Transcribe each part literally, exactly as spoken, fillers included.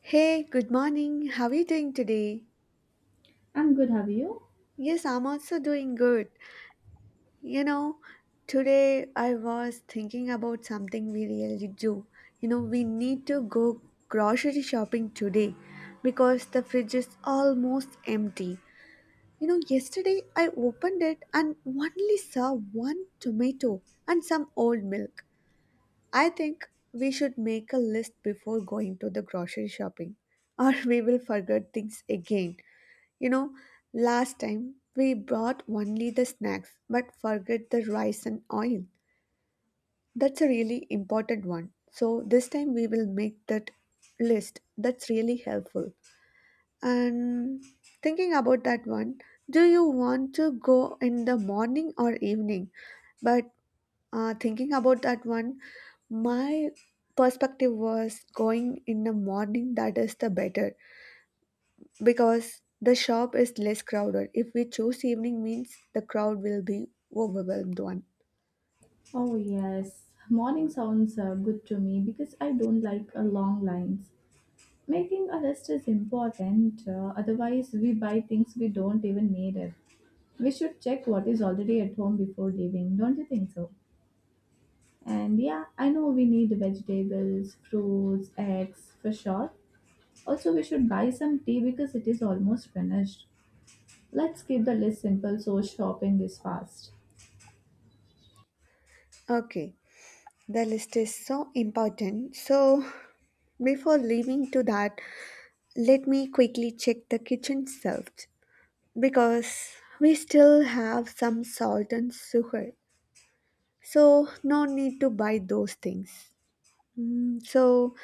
Hey, good morning. How are you doing today? I'm good, have you? Yes, I'm also doing good. You know, Today I was thinking about something we really do. You know, we need to go grocery shopping today because the fridge is almost empty. You know, yesterday I opened it and only saw one tomato and some old milk. I think we should make a list before going to the grocery shopping or we will forget things again. You know, last time we brought only the snacks but forgot the rice and oil. That's a really important one. So this time we will make that list. That's really helpful. And thinking about that one, do you want to go in the morning or evening? But uh, thinking about that one, my perspective was going in the morning that is the better because the shop is less crowded. If we choose evening means the crowd will be overwhelmed one. Oh, yes. Morning sounds uh, good to me because I don't like uh, long lines. Making a list is important, uh, otherwise, we buy things we don't even need it. We should check what is already at home before leaving, don't you think so? And yeah, I know we need vegetables, fruits, eggs for sure. Also, we should buy some tea because it is almost finished. Let's keep the list simple so shopping is fast. Okay, the list is so important. So before leaving to that, let me quickly check the kitchen shelves because we still have some salt and sugar. So no need to buy those things. Mm, so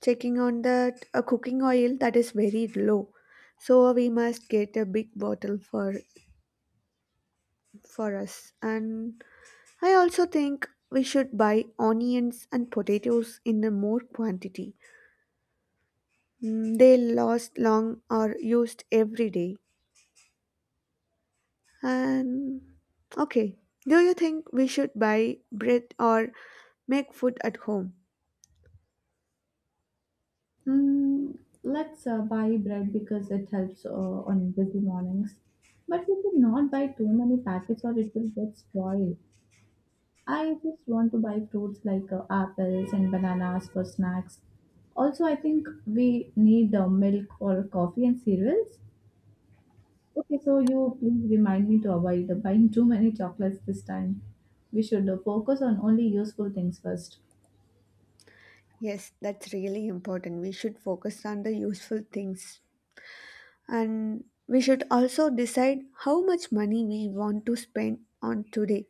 checking on that a cooking oil that is very low. So we must get a big bottle for for us. And I also think we should buy onions and potatoes in a more quantity. Mm, They last long or used every day. And okay, do you think we should buy bread or make food at home? Mm, let's uh, buy bread because it helps uh, on busy mornings. But we should not buy too many packets or it will get spoiled. I just want to buy fruits like uh, apples and bananas for snacks. Also, I think we need uh, milk or coffee and cereals. Okay, so you please remind me to avoid uh, buying too many chocolates this time. We should uh, focus on only useful things first. Yes, that's really important. We should focus on the useful things. And we should also decide how much money we want to spend on today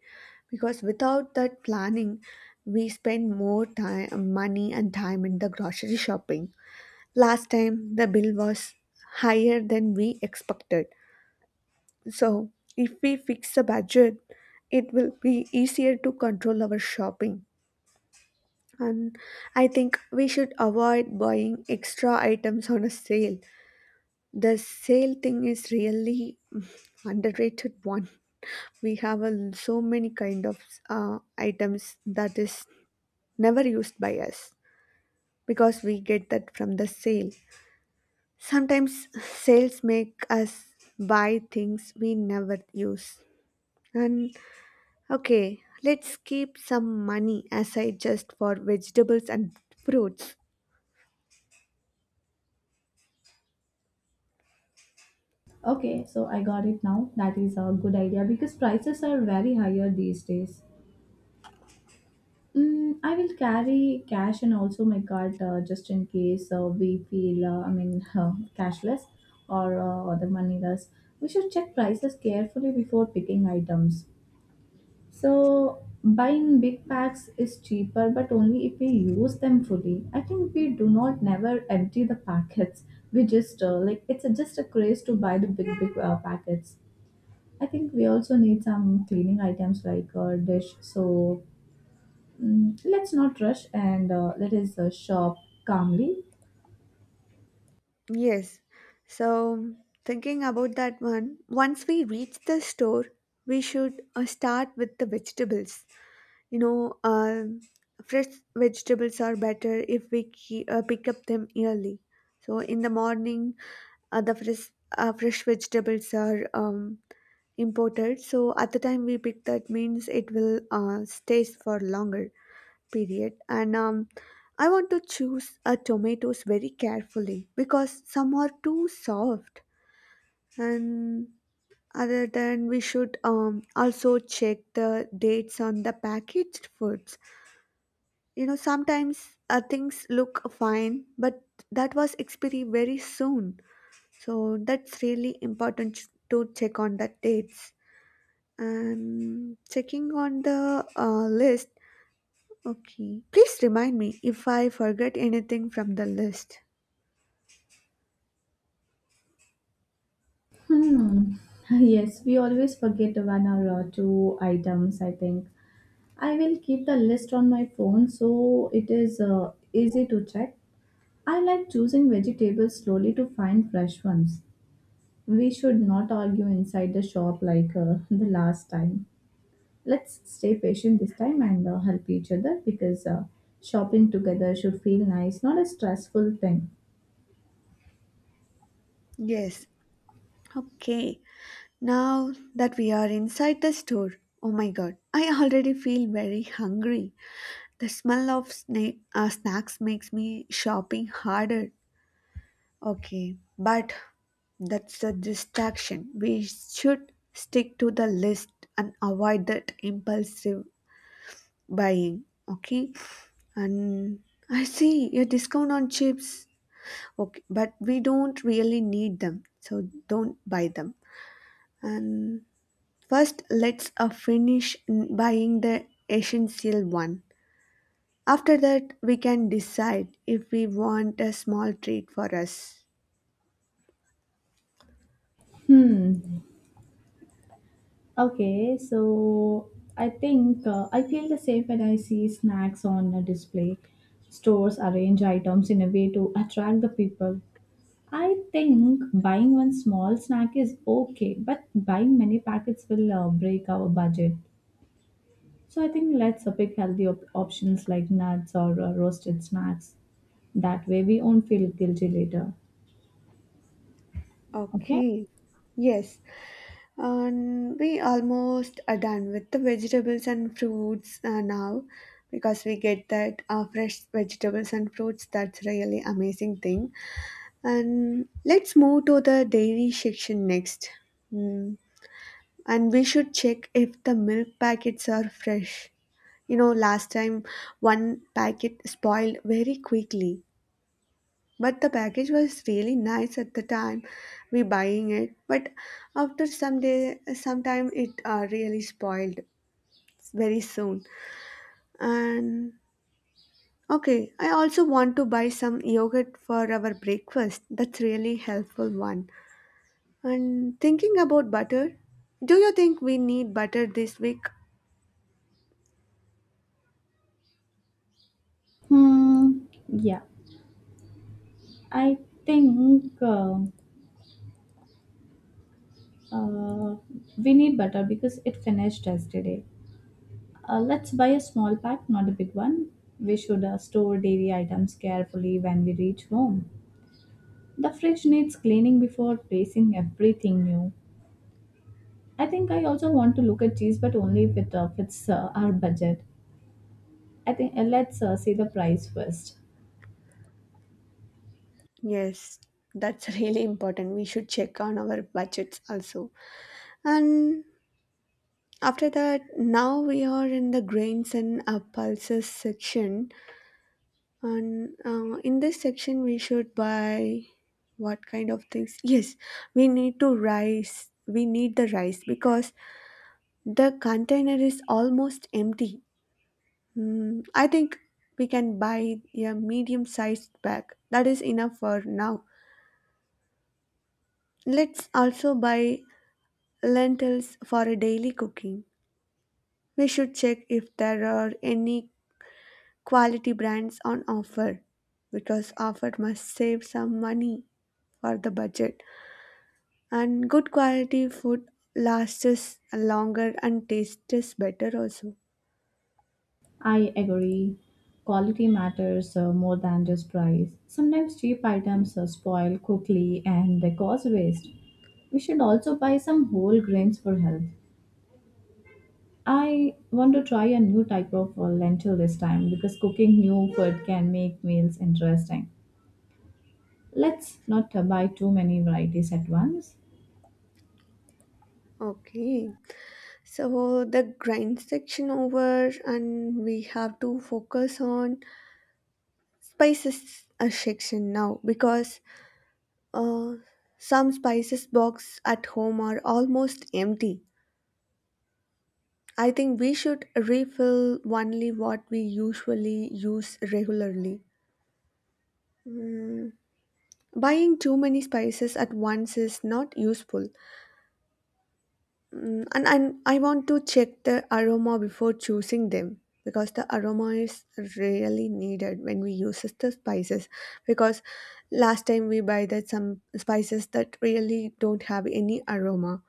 because without that planning, we spend more time, money, and time in the grocery shopping. Last time, the bill was higher than we expected. So, if we fix a budget, it will be easier to control our shopping. And I think we should avoid buying extra items on a sale. The sale thing is really mm, underrated one. We have a, l- so many kind of uh, items that is never used by us because we get that from the sale. Sometimes sales make us buy things we never use. And okay, let's keep some money aside just for vegetables and fruits. Okay, so I got it now. That is a good idea because prices are very higher these days. Mm, I will carry cash and also my card uh, just in case uh, we feel, uh, I mean, uh, cashless or uh, the moneyless. We should check prices carefully before picking items. So, buying big packs is cheaper, but only if we use them fully. I think we do not never empty the packets. We just uh, like it's a, just a craze to buy the big big uh, packets. I think we also need some cleaning items like a dish. So mm, let's not rush and uh, let us uh, shop calmly. Yes. So, thinking about that one, once we reach the store, we should uh, start with the vegetables. You know, um fresh vegetables are better if we ke- uh, pick up them early. So, in the morning, uh, the fresh uh, fresh vegetables are um, imported. So, at the time we pick that means it will uh, stays for longer period and um, I want to choose uh, tomatoes very carefully because some are too soft and other than we should um, also check the dates on the packaged foods. You know, sometimes uh, things look fine but that was expiry very soon, so that's really important ch- to check on the dates and checking on the uh, list. Okay. Please remind me if I forget anything from the list. Hmm. Yes, we always forget one or uh, two items. I think I will keep the list on my phone so it is uh, easy to check. I like choosing vegetables slowly to find fresh ones. We should not argue inside the shop like uh, the last time. Let's stay patient this time and uh, help each other because uh, shopping together should feel nice, not a stressful thing. Yes. Okay. Now that we are inside the store, oh my god, I already feel very hungry. The smell of sna- uh, snacks makes me shopping harder. Okay. But that's a distraction. We should stick to the list and avoid that impulsive buying. Okay. And I see your discount on chips. Okay, but we don't really need them, so don't buy them. And first, let's uh, finish n- buying the essential one. After that, we can decide if we want a small treat for us. Hmm. Okay, so I think uh, I feel the same when I see snacks on a display. Stores arrange items in a way to attract the people. I think buying one small snack is okay, but buying many packets will uh, break our budget. So I think let's uh, pick healthy op- options like nuts or uh, roasted snacks. That way we won't feel guilty later. Okay? Okay. Yes, and we almost are done with the vegetables and fruits uh, now because we get that uh, fresh vegetables and fruits. That's really amazing thing. And let's move to the dairy section next. Mm. And we should check if the milk packets are fresh. You know, last time one packet spoiled very quickly, but the package was really nice at the time we buying it. But after some day, sometime it uh, really spoiled very soon. And okay, I also want to buy some yogurt for our breakfast. That's really helpful one. And thinking about butter, do you think we need butter this week? Hmm. Yeah. I think uh, uh, we need butter because it finished yesterday. Uh, let's buy a small pack, not a big one. We should uh, store dairy items carefully when we reach home. The fridge needs cleaning before placing everything new. I think I also want to look at cheese, but only if it uh, fits uh, our budget. I think uh, let's uh, see the price first. Yes, that's really important. We should check on our budgets also. And after that, now we are in the grains and uh, pulses section. And uh, in this section, we should buy what kind of things? Yes, we need to rice. We need the rice because the container is almost empty. Mm, I think we can buy a medium sized bag. That is enough for now. Let's also buy lentils for a daily cooking. We should check if there are any quality brands on offer because offer must save some money for the budget. And good quality food lasts us longer and tastes us better also. I agree. Quality matters uh, more than just price. Sometimes cheap items uh, spoil quickly and they cause waste. We should also buy some whole grains for health. I want to try a new type of uh, lentil this time because cooking new food can make meals interesting. Let's not uh, buy too many varieties at once. Okay, so the grind section over, and we have to focus on spices a section now because uh, some spices box at home are almost empty. I think we should refill only what we usually use regularly. Buying too many spices at once is not useful. Mm, and I, I want to check the aroma before choosing them because the aroma is really needed when we use the spices, because last time we buy that some spices that really don't have any aroma,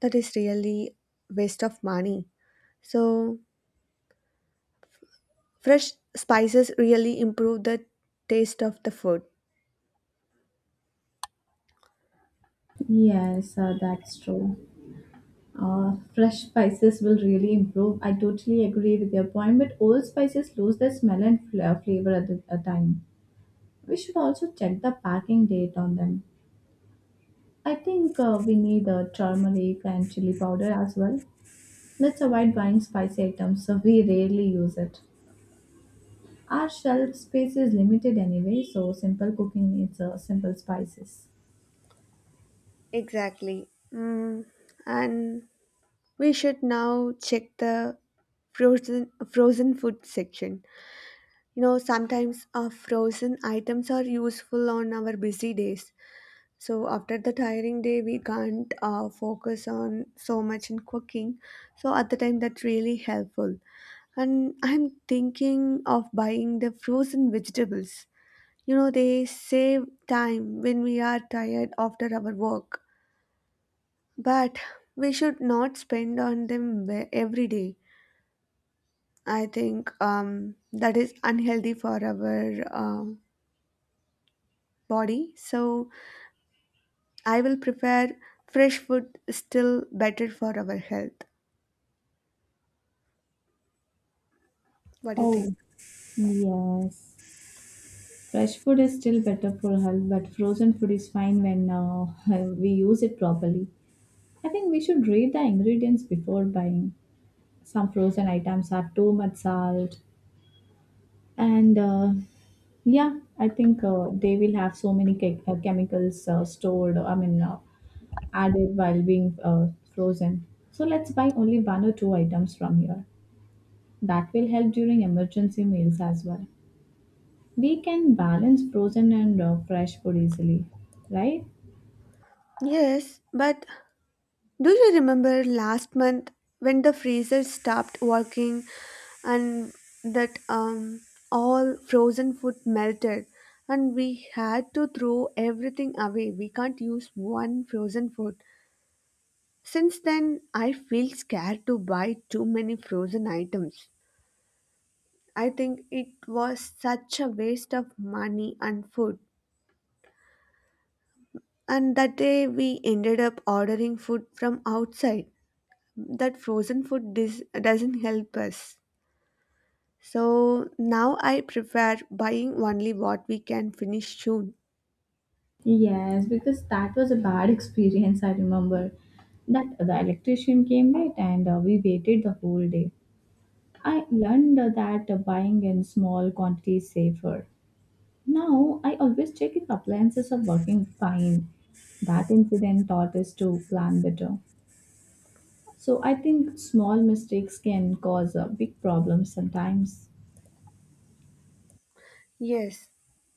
that is really waste of money. So fresh spices really improve the taste of the food Yes, uh, that's true. Uh, fresh spices will really improve. I totally agree with your point, but old spices lose their smell and fla- flavor at the- a time. We should also check the packing date on them. I think uh, we need uh, turmeric and chili powder as well. Let's avoid buying spicy items so we rarely use it. Our shelf space is limited anyway, so simple cooking needs uh, simple spices. exactly. Mm, and we should now check the frozen frozen food section. You know, sometimes our frozen items are useful on our busy days. So after the tiring day, we can't uh, focus on so much in cooking. So at the time, that's really helpful. And I'm thinking of buying the frozen vegetables. You know, they save time when we are tired after our work. But we should not spend on them ve- every day. I think um, that is unhealthy for our uh, body, so I will prefer fresh food still better for our health. What do you think? Oh, yes. Fresh food is still better for health, but frozen food is fine when uh, we use it properly. I think we should read the ingredients before buying. Some frozen items have too much salt, and uh, yeah, I think uh, they will have so many che- uh, chemicals uh, stored, I mean, uh, added while being uh, frozen. So let's buy only one or two items from here. That will help during emergency meals as well. We can balance frozen and uh, fresh food easily, right? Yes, but do you remember last month when the freezer stopped working and that um all frozen food melted and we had to throw everything away. We can't use one frozen food. Since then, I feel scared to buy too many frozen items. I think it was such a waste of money and food. And that day we ended up ordering food from outside. That frozen food dis- doesn't help us. So now I prefer buying only what we can finish soon. Yes, because that was a bad experience, I remember. That the electrician came late and uh, we waited the whole day. I learned uh, that uh, buying in small quantities is safer. Now I always check if appliances are working fine. That incident taught us to plan better. So I think small mistakes can cause uh, big problems sometimes. Yes,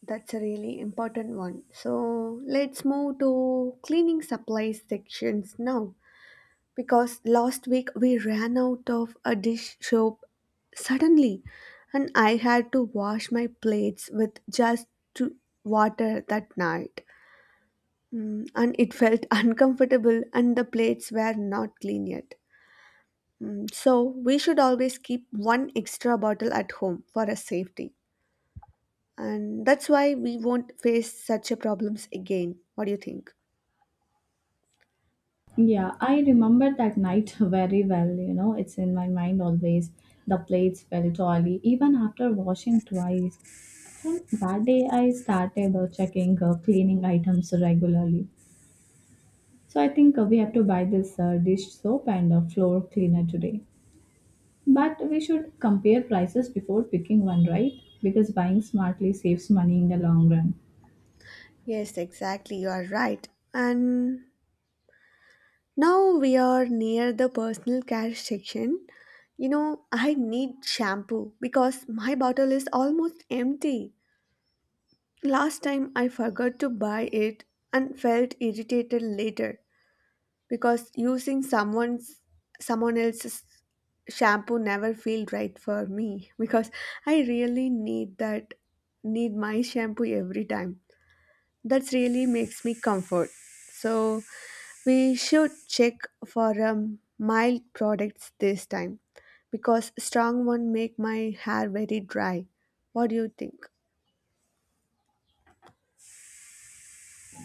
that's a really important one. So let's move to cleaning supplies sections now, because last week we ran out of a dish soap suddenly and I had to wash my plates with just two water that night. Mm, and it felt uncomfortable and the plates were not clean yet. Mm, so we should always keep one extra bottle at home for a safety. And that's why we won't face such a problems again. What do you think? Yeah, I remember that night very well. You know, it's in my mind always. The plates felt oily even after washing twice. From that day, I started uh, checking uh, cleaning items regularly. So I think uh, we have to buy this uh, dish soap and a floor cleaner today. But we should compare prices before picking one, right? Because buying smartly saves money in the long run. Yes, exactly. You are right. And now we are near the personal care section. You know, I need shampoo because my bottle is almost empty. Last time I forgot to buy it and felt irritated later because using someone's someone else's shampoo never felt right for me because I really need that need my shampoo every time. That really makes me comfort. So we should check for um, mild products this time because strong one make my hair very dry. What do you think?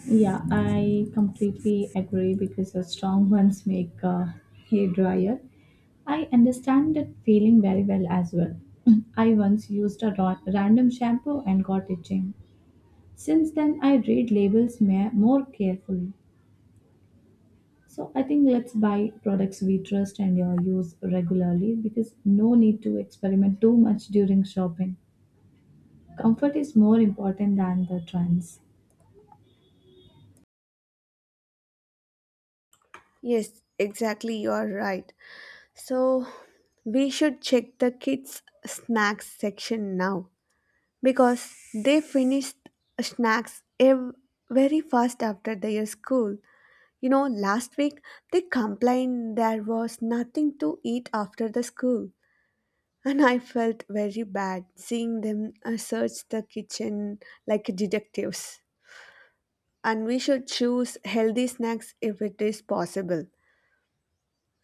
Yeah, I completely agree because the strong ones make a hair dryer. I understand that feeling very well as well. I once used a ra- random shampoo and got itching. Since then, I read labels ma- more carefully. So I think let's buy products we trust and uh, use regularly because no need to experiment too much during shopping. Comfort is more important than the trends. Yes, exactly, you are right. So we should check the kids snacks section now because they finished snacks ev- very fast after their school. You know, last week they complained there was nothing to eat after the school. And I felt very bad seeing them uh, search the kitchen like detectives. And we should choose healthy snacks if it is possible.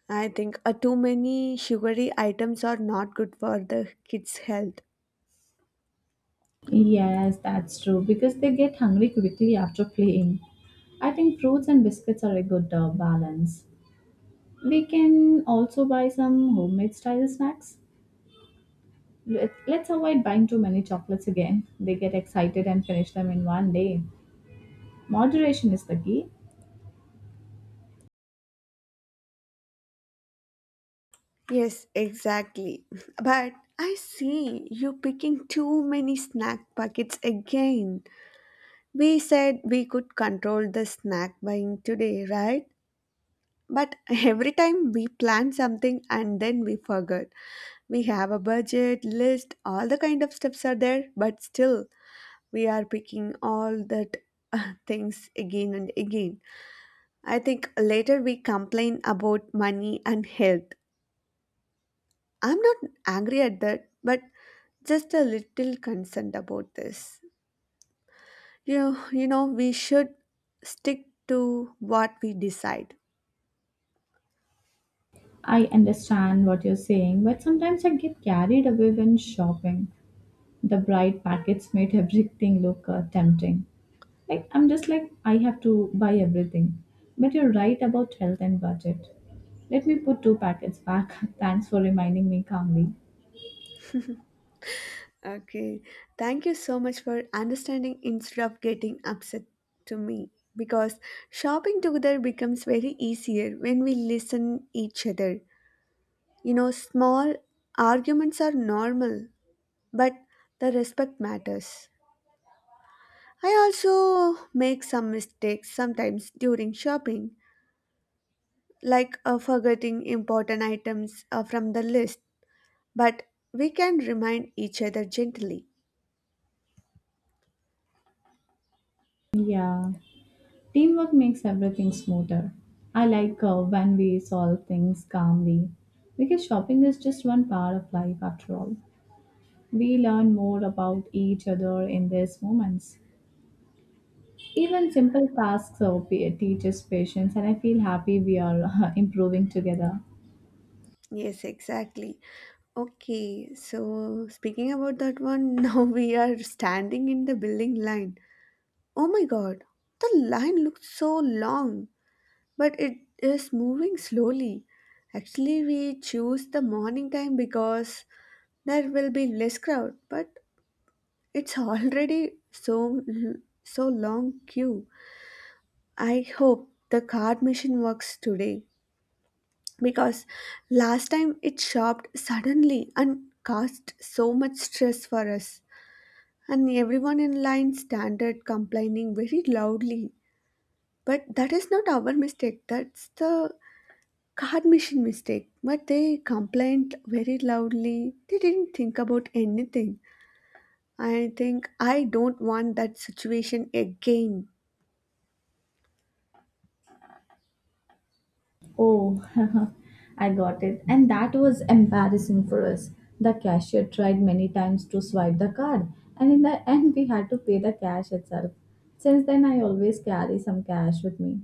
I think uh, too many sugary items are not good for the kids' health. Yes, that's true because they get hungry quickly after playing. I think fruits and biscuits are a good uh, balance. We can also buy some homemade style snacks. Let- Let's avoid buying too many chocolates again. They get excited and finish them in one day. Moderation is the key. Yes, exactly. But I see you picking too many snack packets again. We said we could control the snack buying today, right? But every time we plan something and then we forget. We have a budget, list, all the kind of steps are there, but still we are picking all that uh, things again and again. I think later we complain about money and health. I'm not angry at that, but just a little concerned about this. You, you know, we should stick to what we decide. I understand what you're saying, but sometimes I get carried away when shopping. The bright packets made everything look uh, tempting. Like I'm just like I have to buy everything. But you're right about health and budget. Let me put two packets back. Thanks for reminding me calmly. Okay. Thank you so much for understanding instead of getting upset to me because shopping together becomes very easier when we listen each other. You know, small arguments are normal, but the respect matters. I also make some mistakes sometimes during shopping, like uh, forgetting important items uh, from the list, but we can remind each other gently. Yeah, teamwork makes everything smoother. I like uh, when we solve things calmly because shopping is just one part of life after all. We learn more about each other in these moments. Even simple tasks uh, pa- teach us patience, and I feel happy we are improving together. Yes, exactly. Okay, so speaking about that one, now we are standing in the building line. Oh my god, the line looks so long, but it is moving slowly. Actually, we choose the morning time because there will be less crowd, but it's already so so long queue. I hope the card machine works today, because last time it shopped suddenly and caused so much stress for us, and everyone in line standard complaining very loudly. But that is not our mistake, that's the card machine mistake, but they complained very loudly, they didn't think about anything. I think i don't want that situation again. Oh, I got it. And that was embarrassing for us. The cashier tried many times to swipe the card, and in the end, we had to pay the cash itself. Since then, I always carry some cash with me.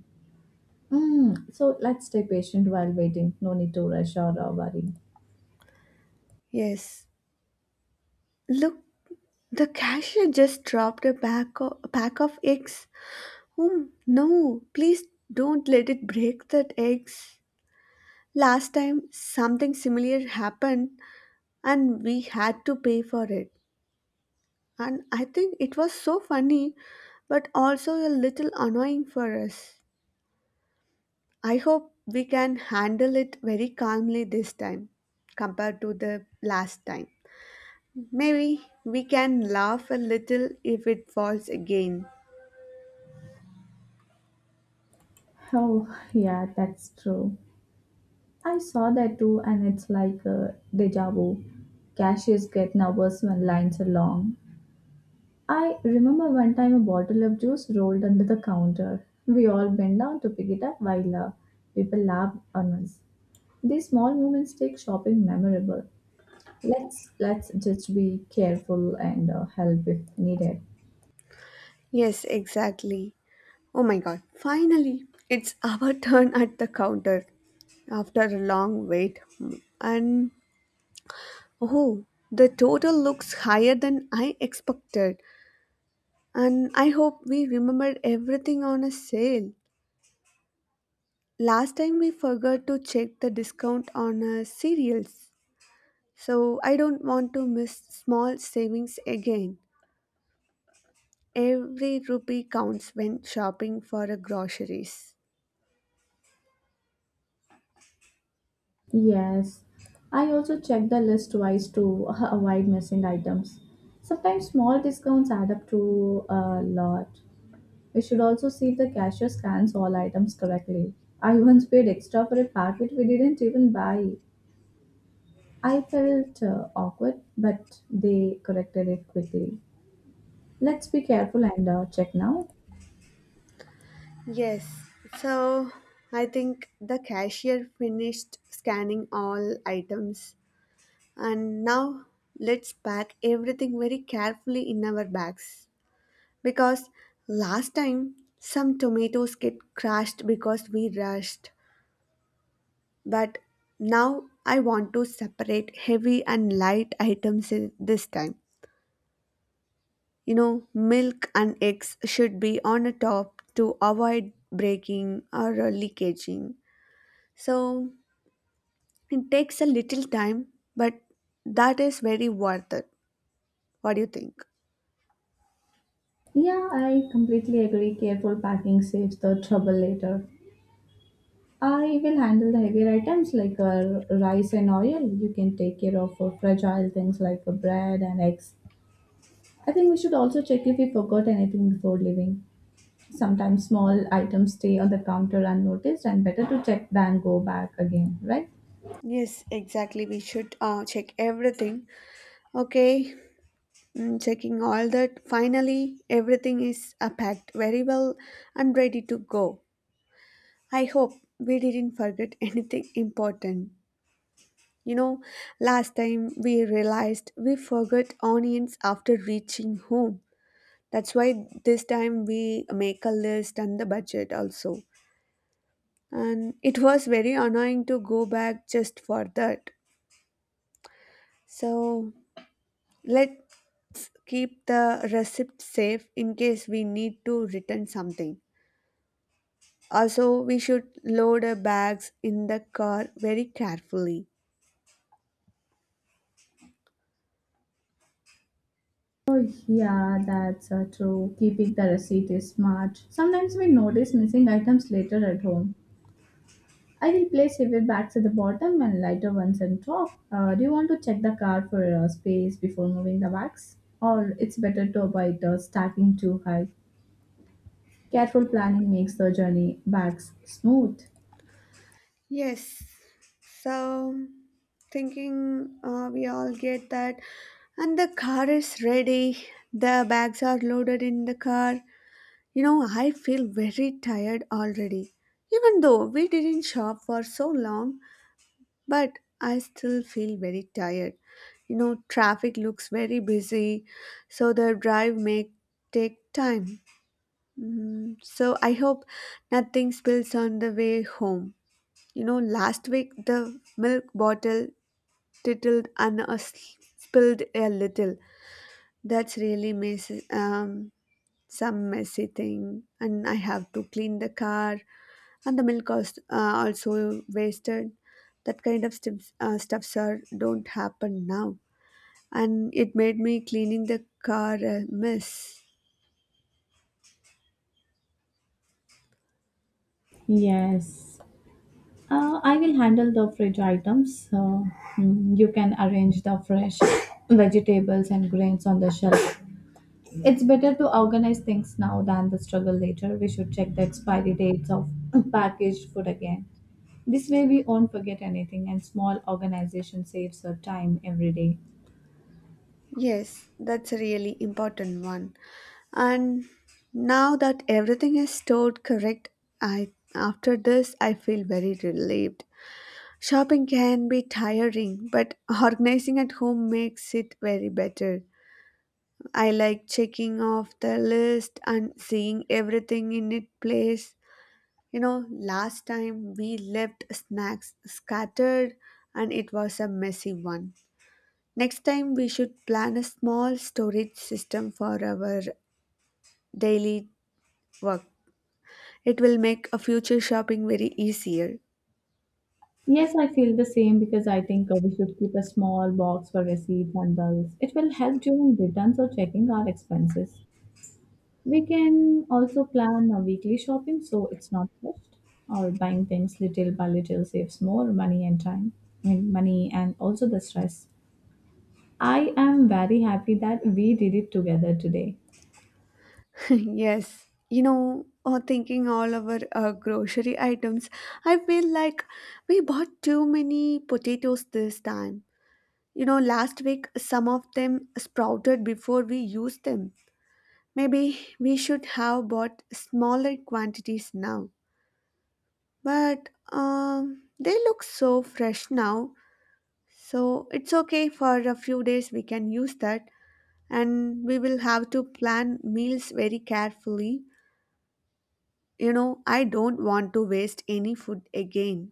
Mm, so let's stay patient while waiting. No need to rush or uh, worry. Yes, look, the cashier just dropped a pack of, pack of eggs. Whom? No, please don't let it break that eggs. Last time something similar happened and we had to pay for it. And I think it was so funny but also a little annoying for us. I hope we can handle it very calmly this time compared to the last time. Maybe we can laugh a little if it falls again. Oh, yeah, that's true. I saw that too, and it's like a deja vu. Cashiers get nervous when lines are long. I remember one time a bottle of juice rolled under the counter. We all bent down to pick it up while uh, people laughed on us. These small moments make shopping memorable. Let's let's just be careful and uh, help if needed. Yes, exactly. Oh my god, finally! It's our turn at the counter after a long wait. And oh, the total looks higher than I expected. And I hope we remembered everything on a sale. Last time we forgot to check the discount on uh, cereals. So I don't want to miss small savings again. Every rupee counts when shopping for uh, groceries. Yes, I also check the list twice to avoid missing items. Sometimes small discounts add up to a lot. We should also see if the cashier scans all items correctly. I once paid extra for a packet we didn't even buy. I felt uh, awkward, but they corrected it quickly. Let's be careful and uh, check now. Yes. So I think the cashier finished scanning all items, and now let's pack everything very carefully in our bags, because last time some tomatoes get crushed because we rushed. But now I want to separate heavy and light items i- this time. You know, milk and eggs should be on a top to avoid breaking or uh, leakaging. So it takes a little time, but that is very worth it. What do you think? Yeah, I completely agree. Careful packing saves the trouble later. I will handle the heavier items like uh, rice and oil. You can take care of uh, fragile things like uh, bread and eggs. I think we should also check if we forgot anything before leaving. Sometimes small items stay on the counter unnoticed, and better to check than go back again, right? Yes, exactly. We should uh, check everything. Okay, mm, checking all that. Finally, everything is uh, packed very well and ready to go. I hope we didn't forget anything important. You know, last time we realized we forgot onions after reaching home. That's why this time we make a list and the budget also, and it was very annoying to go back just for that. So let's keep the receipt safe in case we need to return something. Also, we should load our bags in the car very carefully. Oh yeah, that's uh, true. Keeping the receipt is smart. Sometimes we notice missing items later at home. I will place heavier bags at the bottom and lighter ones on top. Uh, do you want to check the car for uh, space before moving the bags? Or it's better to avoid uh, stacking too high. Careful planning makes the journey bags smooth. Yes. So thinking uh, we all get that, and the car is ready, the bags are loaded in the car. You know, I feel very tired already. Even though we didn't shop for so long, but I still feel very tired. You know, traffic looks very busy, so the drive may take time. Mm, so I hope nothing spills on the way home. You know, last week the milk bottle titled and uh, s- spilled a little. That's really messy. Um, some messy thing, and I have to clean the car, and the milk is uh, also wasted. That kind of stuffs, uh, stuffs are don't happen now, and it made me cleaning the car a mess. Yes. Uh, I will handle the fridge items. So, mm, you can arrange the fresh vegetables and grains on the shelf. It's better to organize things now than the struggle later. We should check the expiry dates of packaged food again. This way, we won't forget anything, and small organization saves her time every day. Yes, that's a really important one. And now that everything is stored correct, I after this I feel very relieved. Shopping can be tiring, but organizing at home makes it very better. I like checking off the list and seeing everything in its place. You know, last time we left snacks scattered and it was a messy one. Next time we should plan a small storage system for our daily work. It will make a future shopping very easier. Yes, I feel the same because I think uh, we should keep a small box for receipts and bills. It will help during returns or checking our expenses. We can also plan a weekly shopping so it's not rushed, or buying things little by little saves more money and time. I mean, money and also the stress. I am very happy that we did it together today. Yes. You know, or thinking all our uh, grocery items, I feel like we bought too many potatoes this time. You know, last week some of them sprouted before we used them. Maybe we should have bought smaller quantities now. But um, they look so fresh now. So it's okay for a few days we can use that. And we will have to plan meals very carefully. You know, I don't want to waste any food again.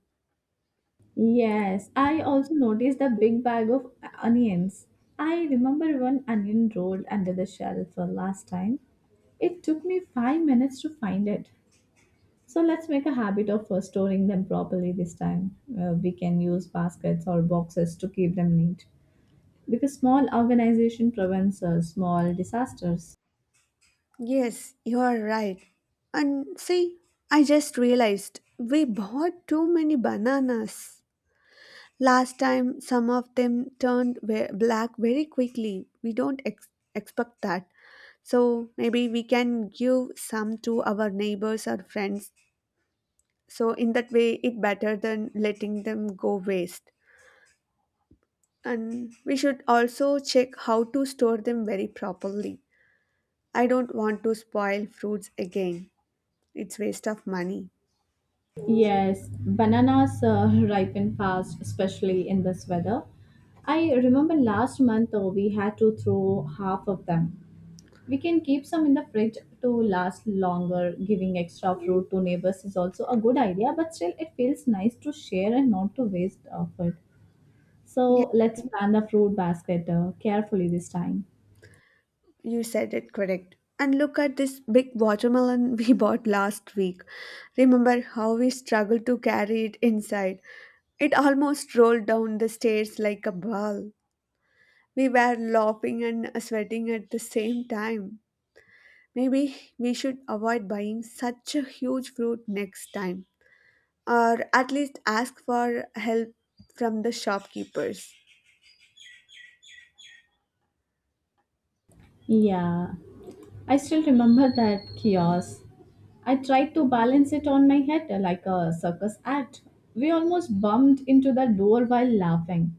Yes, I also noticed the big bag of onions. I remember one onion rolled under the shelf for last time. It took me five minutes to find it. So let's make a habit of uh, storing them properly this time. Uh, we can use baskets or boxes to keep them neat because small organization prevents uh, small disasters. Yes, you are right. And see, I just realized we bought too many bananas. Last time, some of them turned ve- black very quickly. We don't ex- expect that. So maybe we can give some to our neighbors or friends. So in that way, it better than letting them go waste. And we should also check how to store them very properly. I don't want to spoil fruits again. It's waste of money. Yes, bananas uh, ripen fast, especially in this weather. I remember last month uh, we had to throw half of them. We can keep some in the fridge to last longer. Giving extra fruit to neighbors is also a good idea, but still, it feels nice to share and not to waste of it. So, let's plan the fruit basket uh, carefully this time. You said it correct. And look at this big watermelon we bought last week. Remember how we struggled to carry it inside? It almost rolled down the stairs like a ball. We were laughing and sweating at the same time. Maybe we should avoid buying such a huge fruit next time, or at least ask for help from the shopkeepers. Yeah. I still remember that chaos. I tried to balance it on my head like a circus act. We almost bumped into the door while laughing.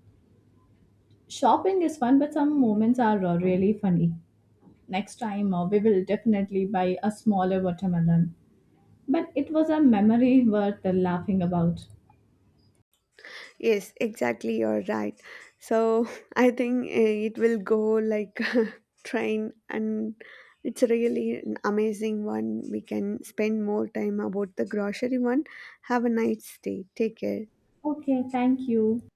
Shopping is fun, but some moments are uh, really funny. Next time, uh, we will definitely buy a smaller watermelon. But it was a memory worth laughing about. Yes, exactly. You're right. So I think eh, it will go like train, and it's really an amazing one. We can spend more time about the grocery one. Have a nice day. Take care. Okay, thank you.